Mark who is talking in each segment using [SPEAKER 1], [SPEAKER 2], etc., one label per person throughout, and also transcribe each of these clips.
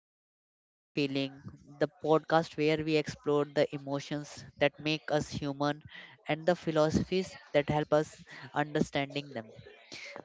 [SPEAKER 1] welcome to the Depth Feeling, the podcast where we explore the emotions that make us human and the philosophies that help us understanding them.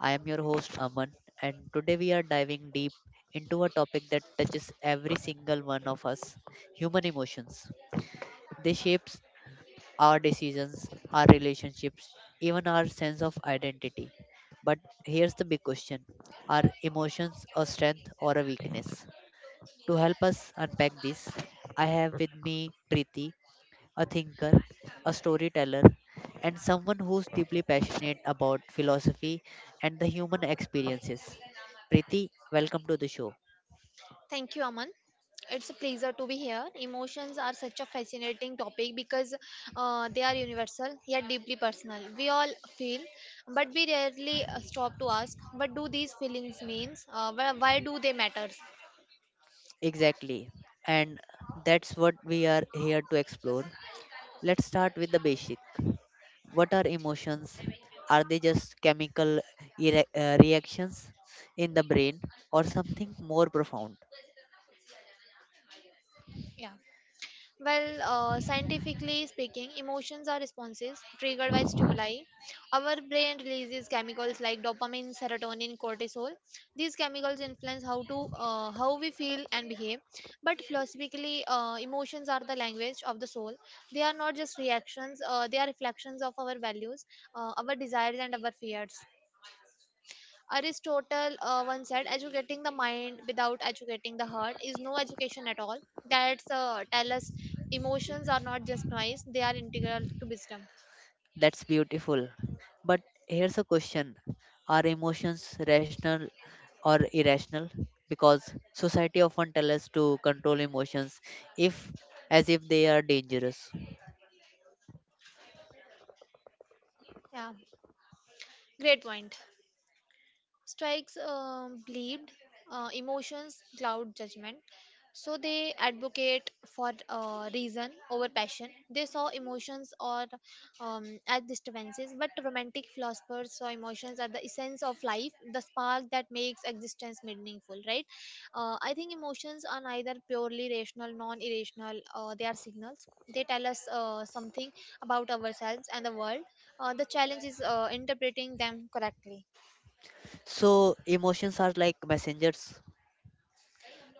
[SPEAKER 1] I am your host Aman, and today we are diving deep into a topic that touches every single one of us: human emotions. They shapes our decisions, our relationships, even our sense of identity. But here's the big question: Are emotions a strength or a weakness? To help us unpack this, I have with me Preeti, a thinker, a storyteller, and someone who's deeply passionate about philosophy and the human experiences. Preeti, welcome to the show.
[SPEAKER 2] Thank you, Aman. It's a pleasure to be here. Emotions are such a fascinating topic because they are universal yet deeply personal. We all feel, but we rarely stop to ask, what do these feelings mean? Why do they matter?
[SPEAKER 1] Exactly. And that's what we are here to explore. Let's start with the basic. What are emotions? Are they just chemical reactions in the brain or something more profound?
[SPEAKER 2] Yeah. Well, scientifically speaking, emotions are responses triggered by stimuli. Our brain releases chemicals like dopamine, serotonin, cortisol. These chemicals influence how we feel and behave. But philosophically, emotions are the language of the soul. They are not just reactions; they are reflections of our values, our desires, and our fears. Aristotle once said, "Educating the mind without educating the heart is no education at all." That's tell us emotions are not just noise, they are integral to wisdom.
[SPEAKER 1] That's beautiful. But here's a question: Are emotions rational or irrational? Because society often tells us to control emotions if as if they are dangerous.
[SPEAKER 2] Yeah, great point. Strikes believed emotions cloud judgment, so they advocate for reason over passion. They saw emotions or as disturbances, but romantic philosophers saw emotions as the essence of life, the spark that makes existence meaningful, right? I think emotions are neither purely rational non-irrational. They are signals. They tell us something about ourselves and the world. The challenge is interpreting them correctly.
[SPEAKER 1] So emotions are like messengers.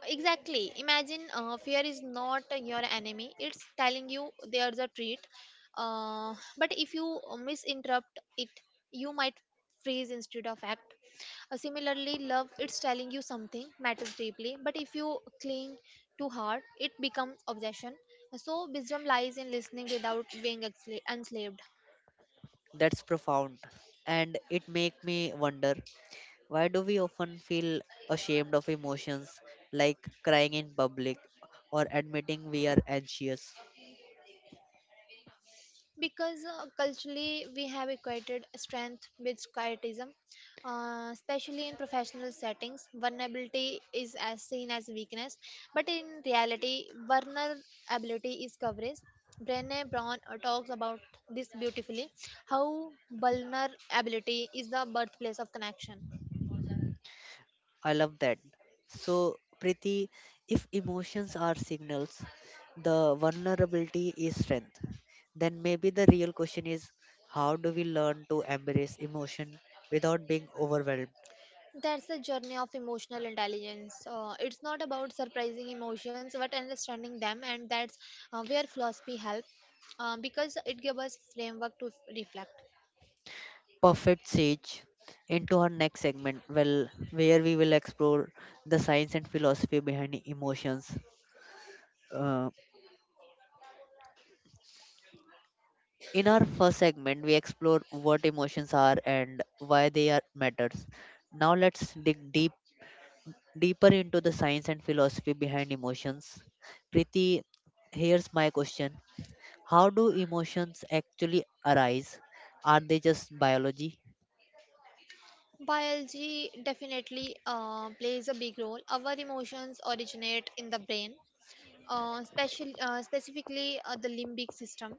[SPEAKER 2] Exactly. Imagine fear is not your enemy. It's telling you there's a treat. But if you misinterrupt it, you might freeze instead of act. Similarly, love, it's telling you something matters deeply. But if you cling too hard, it becomes obsession. So wisdom lies in listening without being enslaved.
[SPEAKER 1] That's profound. And it make me wonder why do we often feel ashamed of emotions like crying in public or admitting we are anxious?
[SPEAKER 2] Because culturally, we have equated strength with quietism, especially in professional settings. Vulnerability is as seen as weakness, but in reality, vulnerability is coverage. Brene Brown talks about this beautifully, how vulnerability is the birthplace of connection.
[SPEAKER 1] I love that. So, Preeti, if emotions are signals, the vulnerability is strength. Then maybe the real question is how do we learn to embrace emotion without being overwhelmed?
[SPEAKER 2] That's the journey of emotional intelligence. It's not about surprising emotions, but understanding them, and that's where philosophy helps, because it gives us framework to reflect.
[SPEAKER 1] Perfect. Sage into our next segment, well, where we will explore the science and philosophy behind emotions. Uh, in our first segment, we explore what emotions are and why they are matters. Now let's dig deep deeper into the science and philosophy behind emotions. Priti, here's my question: How do emotions actually arise? Are they just biology?
[SPEAKER 2] Biology definitely plays a big role. Our emotions originate in the brain, specifically the limbic system.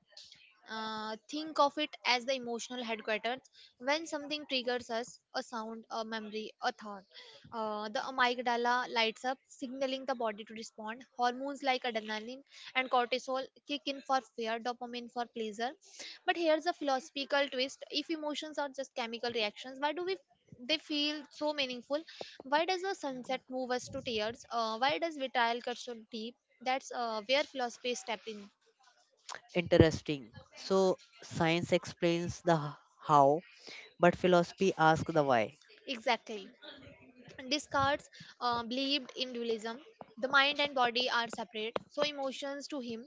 [SPEAKER 2] Think of it as the emotional headquarters. When something triggers us, a sound, a memory, a thought, the amygdala lights up, signaling the body to respond. Hormones like adrenaline and cortisol kick in for fear, dopamine for pleasure. But here's a philosophical twist: if emotions are just chemical reactions, why do we they feel so meaningful? Why does a sunset move us to tears? Why does vitriol cut so deep? That's where philosophy step in.
[SPEAKER 1] Interesting. So, science explains the how, but philosophy asks the why.
[SPEAKER 2] Exactly. Descartes believed in dualism. The mind and body are separate, so emotions to him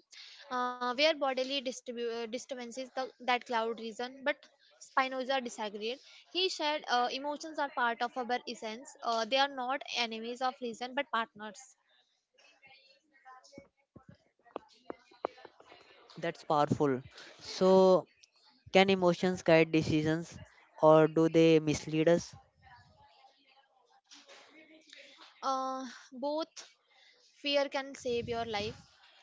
[SPEAKER 2] were bodily disturbances that cloud reason. But Spinoza disagreed. He said emotions are part of our essence. They are not enemies of reason, but partners.
[SPEAKER 1] That's powerful. So, can emotions guide decisions or do they mislead us?
[SPEAKER 2] Uh, Both. Fear can save your life.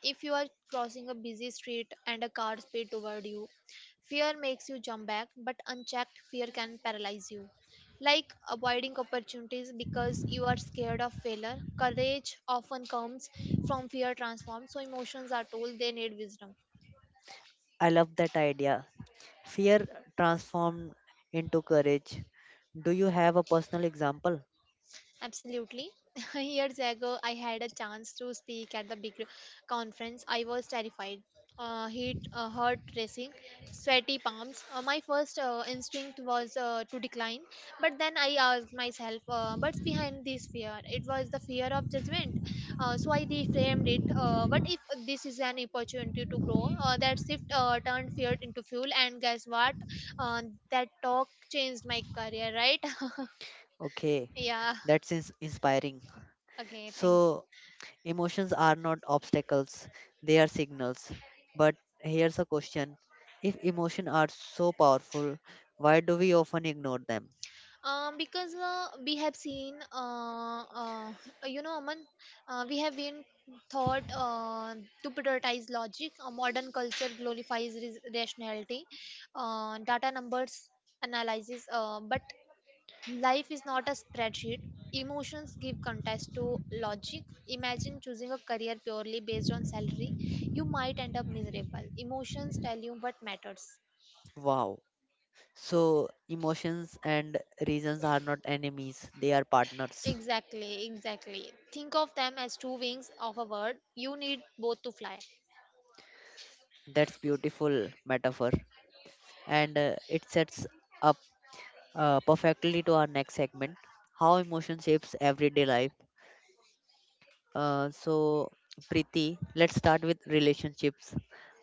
[SPEAKER 2] If you are crossing a busy street and a car speeds toward you, fear makes you jump back, but unchecked fear can paralyze you. Like avoiding opportunities because you are scared of failure, courage often comes from fear transformed. So emotions are told they need wisdom.
[SPEAKER 1] I love that idea. Fear transformed into courage. Do you have a personal example?
[SPEAKER 2] Absolutely. Years ago, I had a chance to speak at the big conference. I was terrified. Heart racing, sweaty palms. My first instinct was to decline, but then I asked myself, "What's behind this fear?" It was the fear of judgment. So I reframed it. What if this is an opportunity to grow? That shift turned fear into fuel, and guess what? Uh, that talk changed my career. Right?
[SPEAKER 1] Okay,
[SPEAKER 2] Yeah.
[SPEAKER 1] that's inspiring.
[SPEAKER 2] Okay. Thanks.
[SPEAKER 1] So, emotions are not obstacles, they are signals. But here's a question: if emotions are so powerful, why do we often ignore them?
[SPEAKER 2] Because we have seen, Aman, we have been taught to prioritize logic. Modern culture glorifies rationality, data numbers analysis, but life is not a spreadsheet. Emotions give context to logic. Imagine choosing a career purely based on salary. You might end up miserable. Emotions tell you what matters.
[SPEAKER 1] Wow. So, emotions and reasons are not enemies, they are partners.
[SPEAKER 2] Exactly, exactly. Think of them as two wings of a bird. You need both to fly.
[SPEAKER 1] That's beautiful metaphor. And it sets up perfectly to our next segment: how emotion shapes everyday life. So, Preeti, let's start with relationships.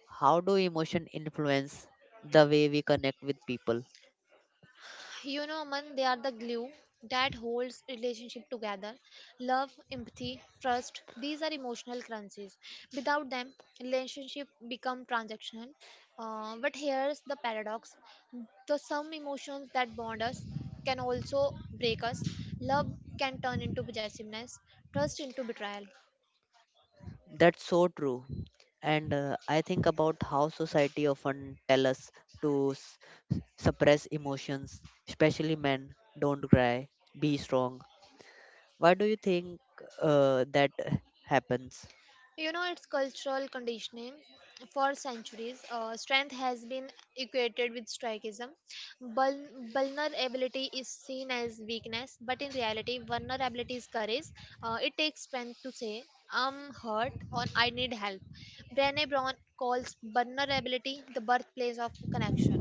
[SPEAKER 1] How do emotion influence the way we connect with people?
[SPEAKER 2] You know, man, they are the glue that holds relationship together. Love, empathy, trust, these are emotional currencies. Without them, relationship become transactional. But here's the paradox. The some emotions that bond us can also break us. Love can turn into possessiveness, trust into betrayal.
[SPEAKER 1] That's so true. And I think about how society often tell us to suppress emotions, especially men. Don't cry, be strong. Why do you think that happens?
[SPEAKER 2] You know, it's cultural conditioning. For centuries, strength has been equated with strikism. Vulnerability is seen as weakness, but in reality, vulnerability is courage. It takes strength to say, "I'm hurt" or "I need help." Brené Brown calls vulnerability the birthplace of connection.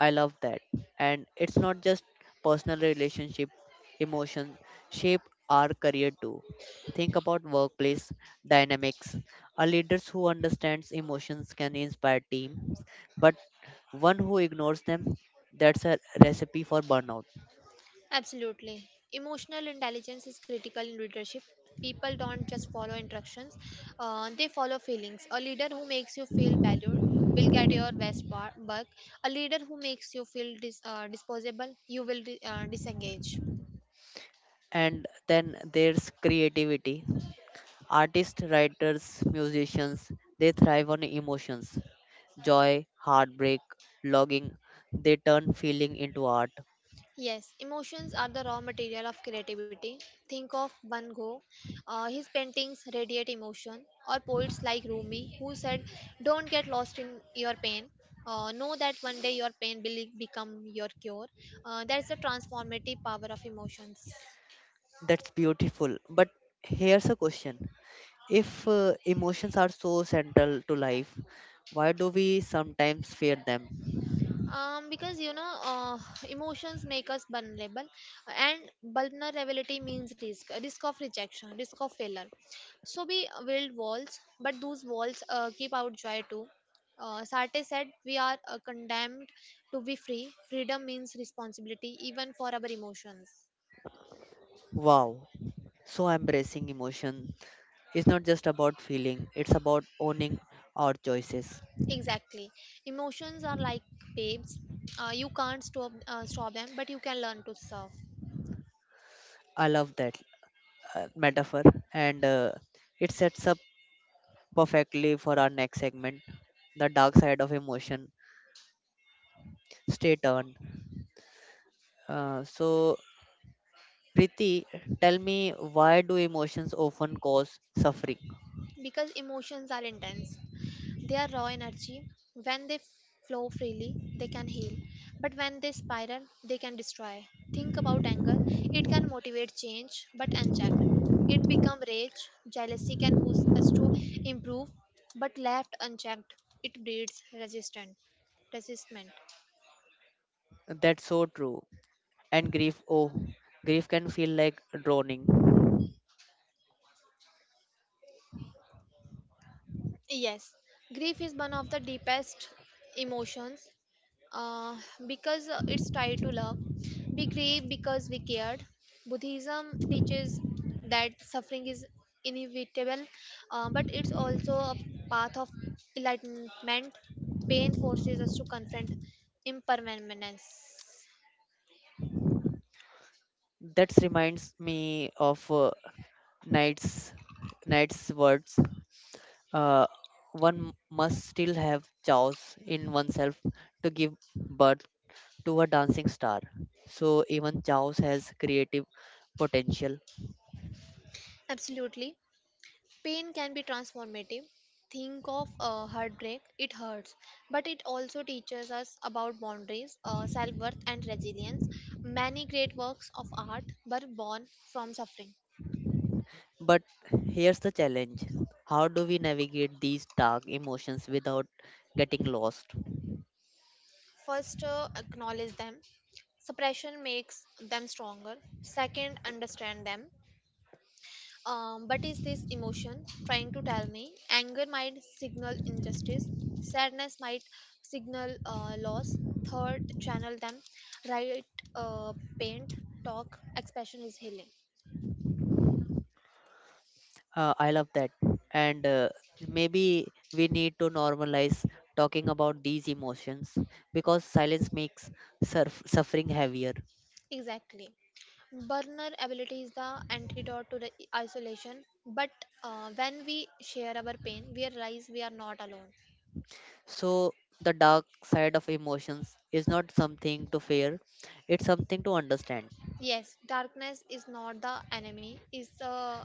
[SPEAKER 1] I love that. And it's not just personal relationship, emotion shape our career too. Think about workplace dynamics. A leader who understands emotions can inspire teams, but one who ignores them, that's a recipe for burnout.
[SPEAKER 2] Absolutely. Emotional intelligence is critical in leadership. People don't just follow instructions, they follow feelings. A leader who makes you feel valued will get your best work. A leader who makes you feel disposable, you will disengage.
[SPEAKER 1] And then there's creativity. Artists, writers, musicians, they thrive on emotions. Joy, heartbreak, longing, they turn feeling into art.
[SPEAKER 2] Yes, emotions are the raw material of creativity. Think of Van Gogh. His paintings radiate emotion, or poets like Rumi, who said, "Don't get lost in your pain. Know that one day your pain will become your cure." That's the transformative power of emotions.
[SPEAKER 1] That's beautiful. But here's a question. If emotions are so central to life, why do we sometimes fear them?
[SPEAKER 2] Because emotions make us vulnerable, and vulnerability means risk, risk of rejection, risk of failure. So we build walls, but those walls keep out joy too. Sartre said, "We are condemned to be free. Freedom means responsibility, even for our emotions."
[SPEAKER 1] Wow. So embracing emotion is not just about feeling, it's about owning our choices.
[SPEAKER 2] Exactly. Emotions are like babes. You can't stop them, but you can learn to surf.
[SPEAKER 1] I love that metaphor, and it sets up perfectly for our next segment, the dark side of emotion. Stay tuned. So, Preeti, tell me why do emotions often cause suffering?
[SPEAKER 2] Because emotions are intense. They are raw energy. When they flow freely, they can heal. But when they spiral, they can destroy. Think about anger. It can motivate change, but unchecked. It becomes rage. Jealousy can push us to improve, but left unchecked, it breeds resistance. Resistment.
[SPEAKER 1] That's so true. And grief, oh, grief can feel like drowning.
[SPEAKER 2] Yes, grief is one of the deepest emotions, uh, because it's tied to love. Be grieve because we cared. Buddhism teaches that suffering is inevitable, but it's also a path of enlightenment. Pain forces us to confront impermanence.
[SPEAKER 1] That reminds me of Knight's Knight's words. Uh, one must still have chaos in oneself to give birth to a dancing star. So even chaos has creative potential.
[SPEAKER 2] Absolutely. Pain can be transformative. Think of heartbreak, it hurts, but it also teaches us about boundaries, self worth, and resilience. Many great works of art were born from suffering.
[SPEAKER 1] But here's the challenge: how do we navigate these dark emotions without getting lost?
[SPEAKER 2] First, acknowledge them. Suppression makes them stronger. Second, understand them. But is this emotion trying to tell me? Anger might signal injustice, sadness might signal loss. Third, channel them. Write, paint, talk. Expression is healing.
[SPEAKER 1] I love that. And maybe we need to normalize talking about these emotions because silence makes suffering heavier.
[SPEAKER 2] Exactly. Vulnerability is the antidote to the isolation. But when we share our pain, we realize we are not alone.
[SPEAKER 1] So, the dark side of emotions is not something to fear, it's something to understand.
[SPEAKER 2] Yes, darkness is not the enemy. Is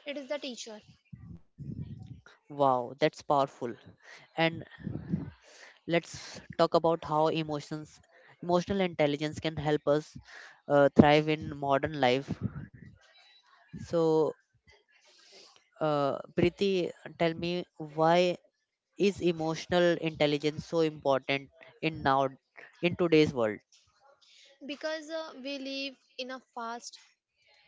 [SPEAKER 2] It is the teacher.
[SPEAKER 1] Wow, that's powerful. And let's talk about how emotions emotional intelligence can help us thrive in modern life. So, Preeti, tell me why is emotional intelligence so important in now in today's world?
[SPEAKER 2] Because we live in a fast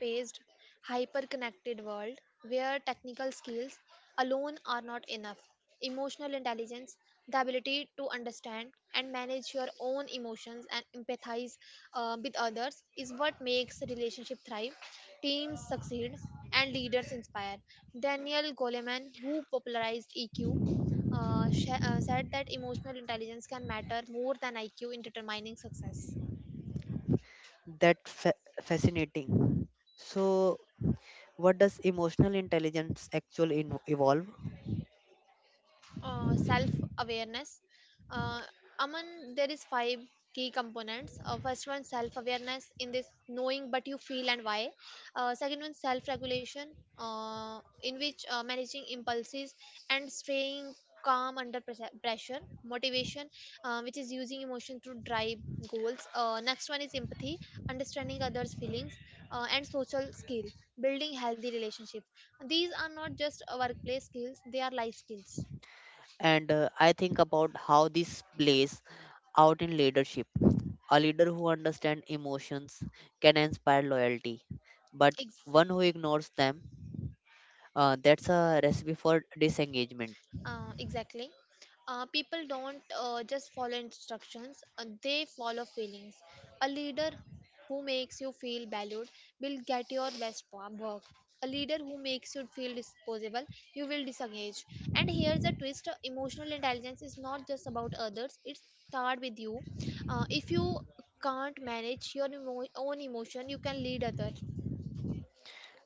[SPEAKER 2] paced, hyper connected world where technical skills alone are not enough. Emotional intelligence, the ability to understand and manage your own emotions and empathize with others, is what makes relationship thrive, teams succeed, and leaders inspire. Daniel Goleman, who popularized EQ, said that emotional intelligence can matter more than IQ in determining success.
[SPEAKER 1] That fascinating. So what does emotional intelligence actually evolve?
[SPEAKER 2] Self awareness. uh, Aman, there is five key components. First one, self awareness, in this knowing what you feel and why. Second one, self regulation, in which managing impulses and staying calm under pressure. Motivation, which is using emotion to drive goals. Next one is empathy, understanding others feelings. And social skill, building healthy relationships. These are not just workplace skills, they are life skills.
[SPEAKER 1] And I think about how this plays out in leadership. A leader who understands emotions can inspire loyalty, but one who
[SPEAKER 2] Exactly.
[SPEAKER 1] ignores them, that's a recipe for disengagement.
[SPEAKER 2] Exactly. People don't just follow instructions, they follow feelings. A leader who makes you feel valued will get your best work. A leader who makes you feel disposable, you will disengage. And here's a twist, emotional intelligence is not just about others, it starts with you. If you can't manage your own emotion, you can lead others.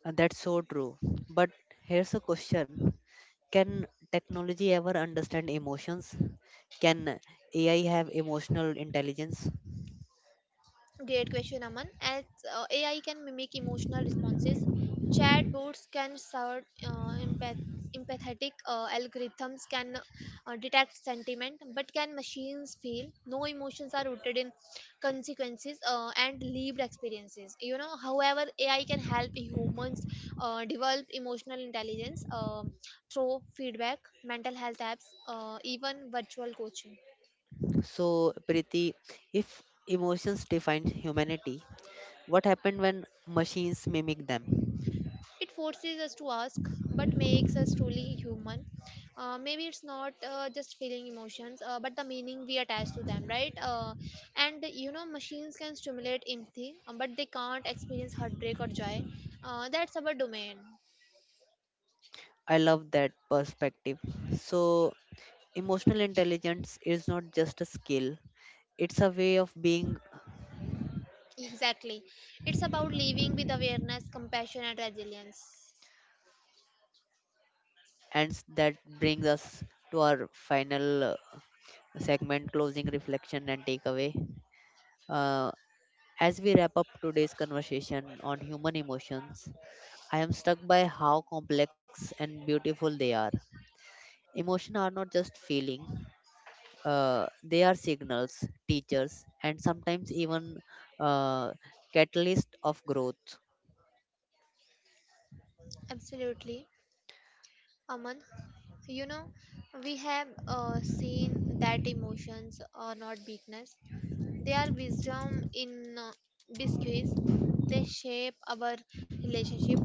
[SPEAKER 1] And that's so true. But here's a question: Can technology ever understand emotions? Can AI have emotional intelligence?
[SPEAKER 2] Great question, Aman. As AI can mimic emotional responses, chatbots can serve empathetic algorithms can detect sentiment, but can machines feel? No, emotions are rooted in consequences and lived experiences. You know, however, AI can help humans develop emotional intelligence through feedback, mental health apps, even virtual coaching.
[SPEAKER 1] So, Priti, if emotions define humanity, what happened when machines mimic them?
[SPEAKER 2] It forces us to ask, but makes us truly human. Maybe it's not just feeling emotions, but the meaning we attach to them, right? And you know, machines can stimulate empathy, but they can't experience heartbreak or joy. That's our domain.
[SPEAKER 1] I love that perspective. So, emotional intelligence is not just a skill, it's a way of being,
[SPEAKER 2] Exactly. It's about living with awareness, compassion, and resilience.
[SPEAKER 1] and that brings us to our final segment: closing reflection and takeaway. Uh, As we wrap up today's conversation on human emotions, I am struck by how complex and beautiful they are. Emotions are not just feeling, they are signals, teachers, and sometimes even uh, catalyst of growth.
[SPEAKER 2] Absolutely. Aman, you know, we have seen that emotions are not weakness. Their wisdom in disguise, they shape our relationship,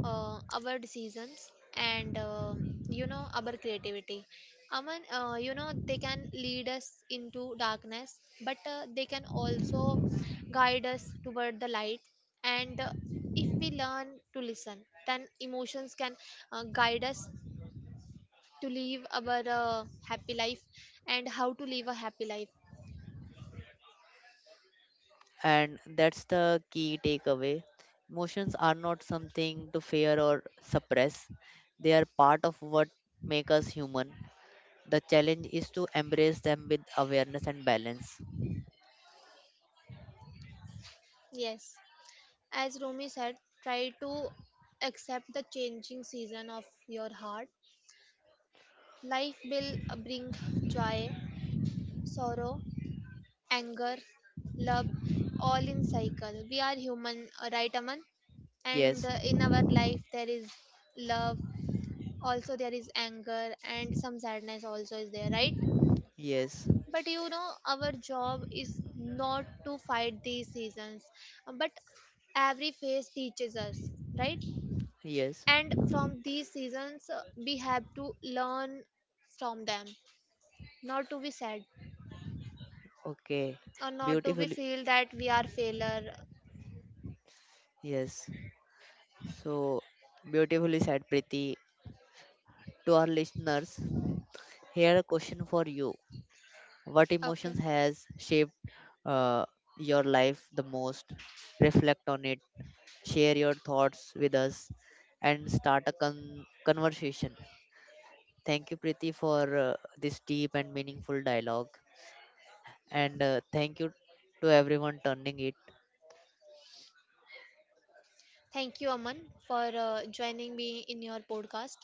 [SPEAKER 2] our decisions, and our creativity. Aman, they can lead us into darkness, but they can also guide us toward the light. And if we learn to listen, then emotions can guide us to live our happy life and how to live a happy life.
[SPEAKER 1] And that's the key takeaway. Emotions are not something to fear or suppress, they are part of what make us human. The challenge is to embrace them with awareness and balance.
[SPEAKER 2] Yes. As Rumi said, "Try to accept the changing season of your heart. Life will bring joy, sorrow, anger, love, all in cycle." We are human, right, Aman? And
[SPEAKER 1] Yes,
[SPEAKER 2] in our life, there is love, also there is anger, and some sadness also is there, right?
[SPEAKER 1] yes.
[SPEAKER 2] But you know, our job is not to fight these seasons, but every phase teaches us, right?
[SPEAKER 1] Yes.
[SPEAKER 2] And from these seasons, we have to learn from them, not to be sad
[SPEAKER 1] Okay.
[SPEAKER 2] or not to be
[SPEAKER 1] Beautifully.
[SPEAKER 2] feel that we are failure.
[SPEAKER 1] Yes. So beautifully said, Preeti. To our listeners, here a question for you. What emotions
[SPEAKER 2] Okay.
[SPEAKER 1] has shaped uh, your life the most? Reflect on it. Share your thoughts with us, and start a conversation. Thank you, Preeti, for this deep and meaningful dialogue. And thank you to everyone turning it
[SPEAKER 2] Thank you, Aman, for joining me in your podcast.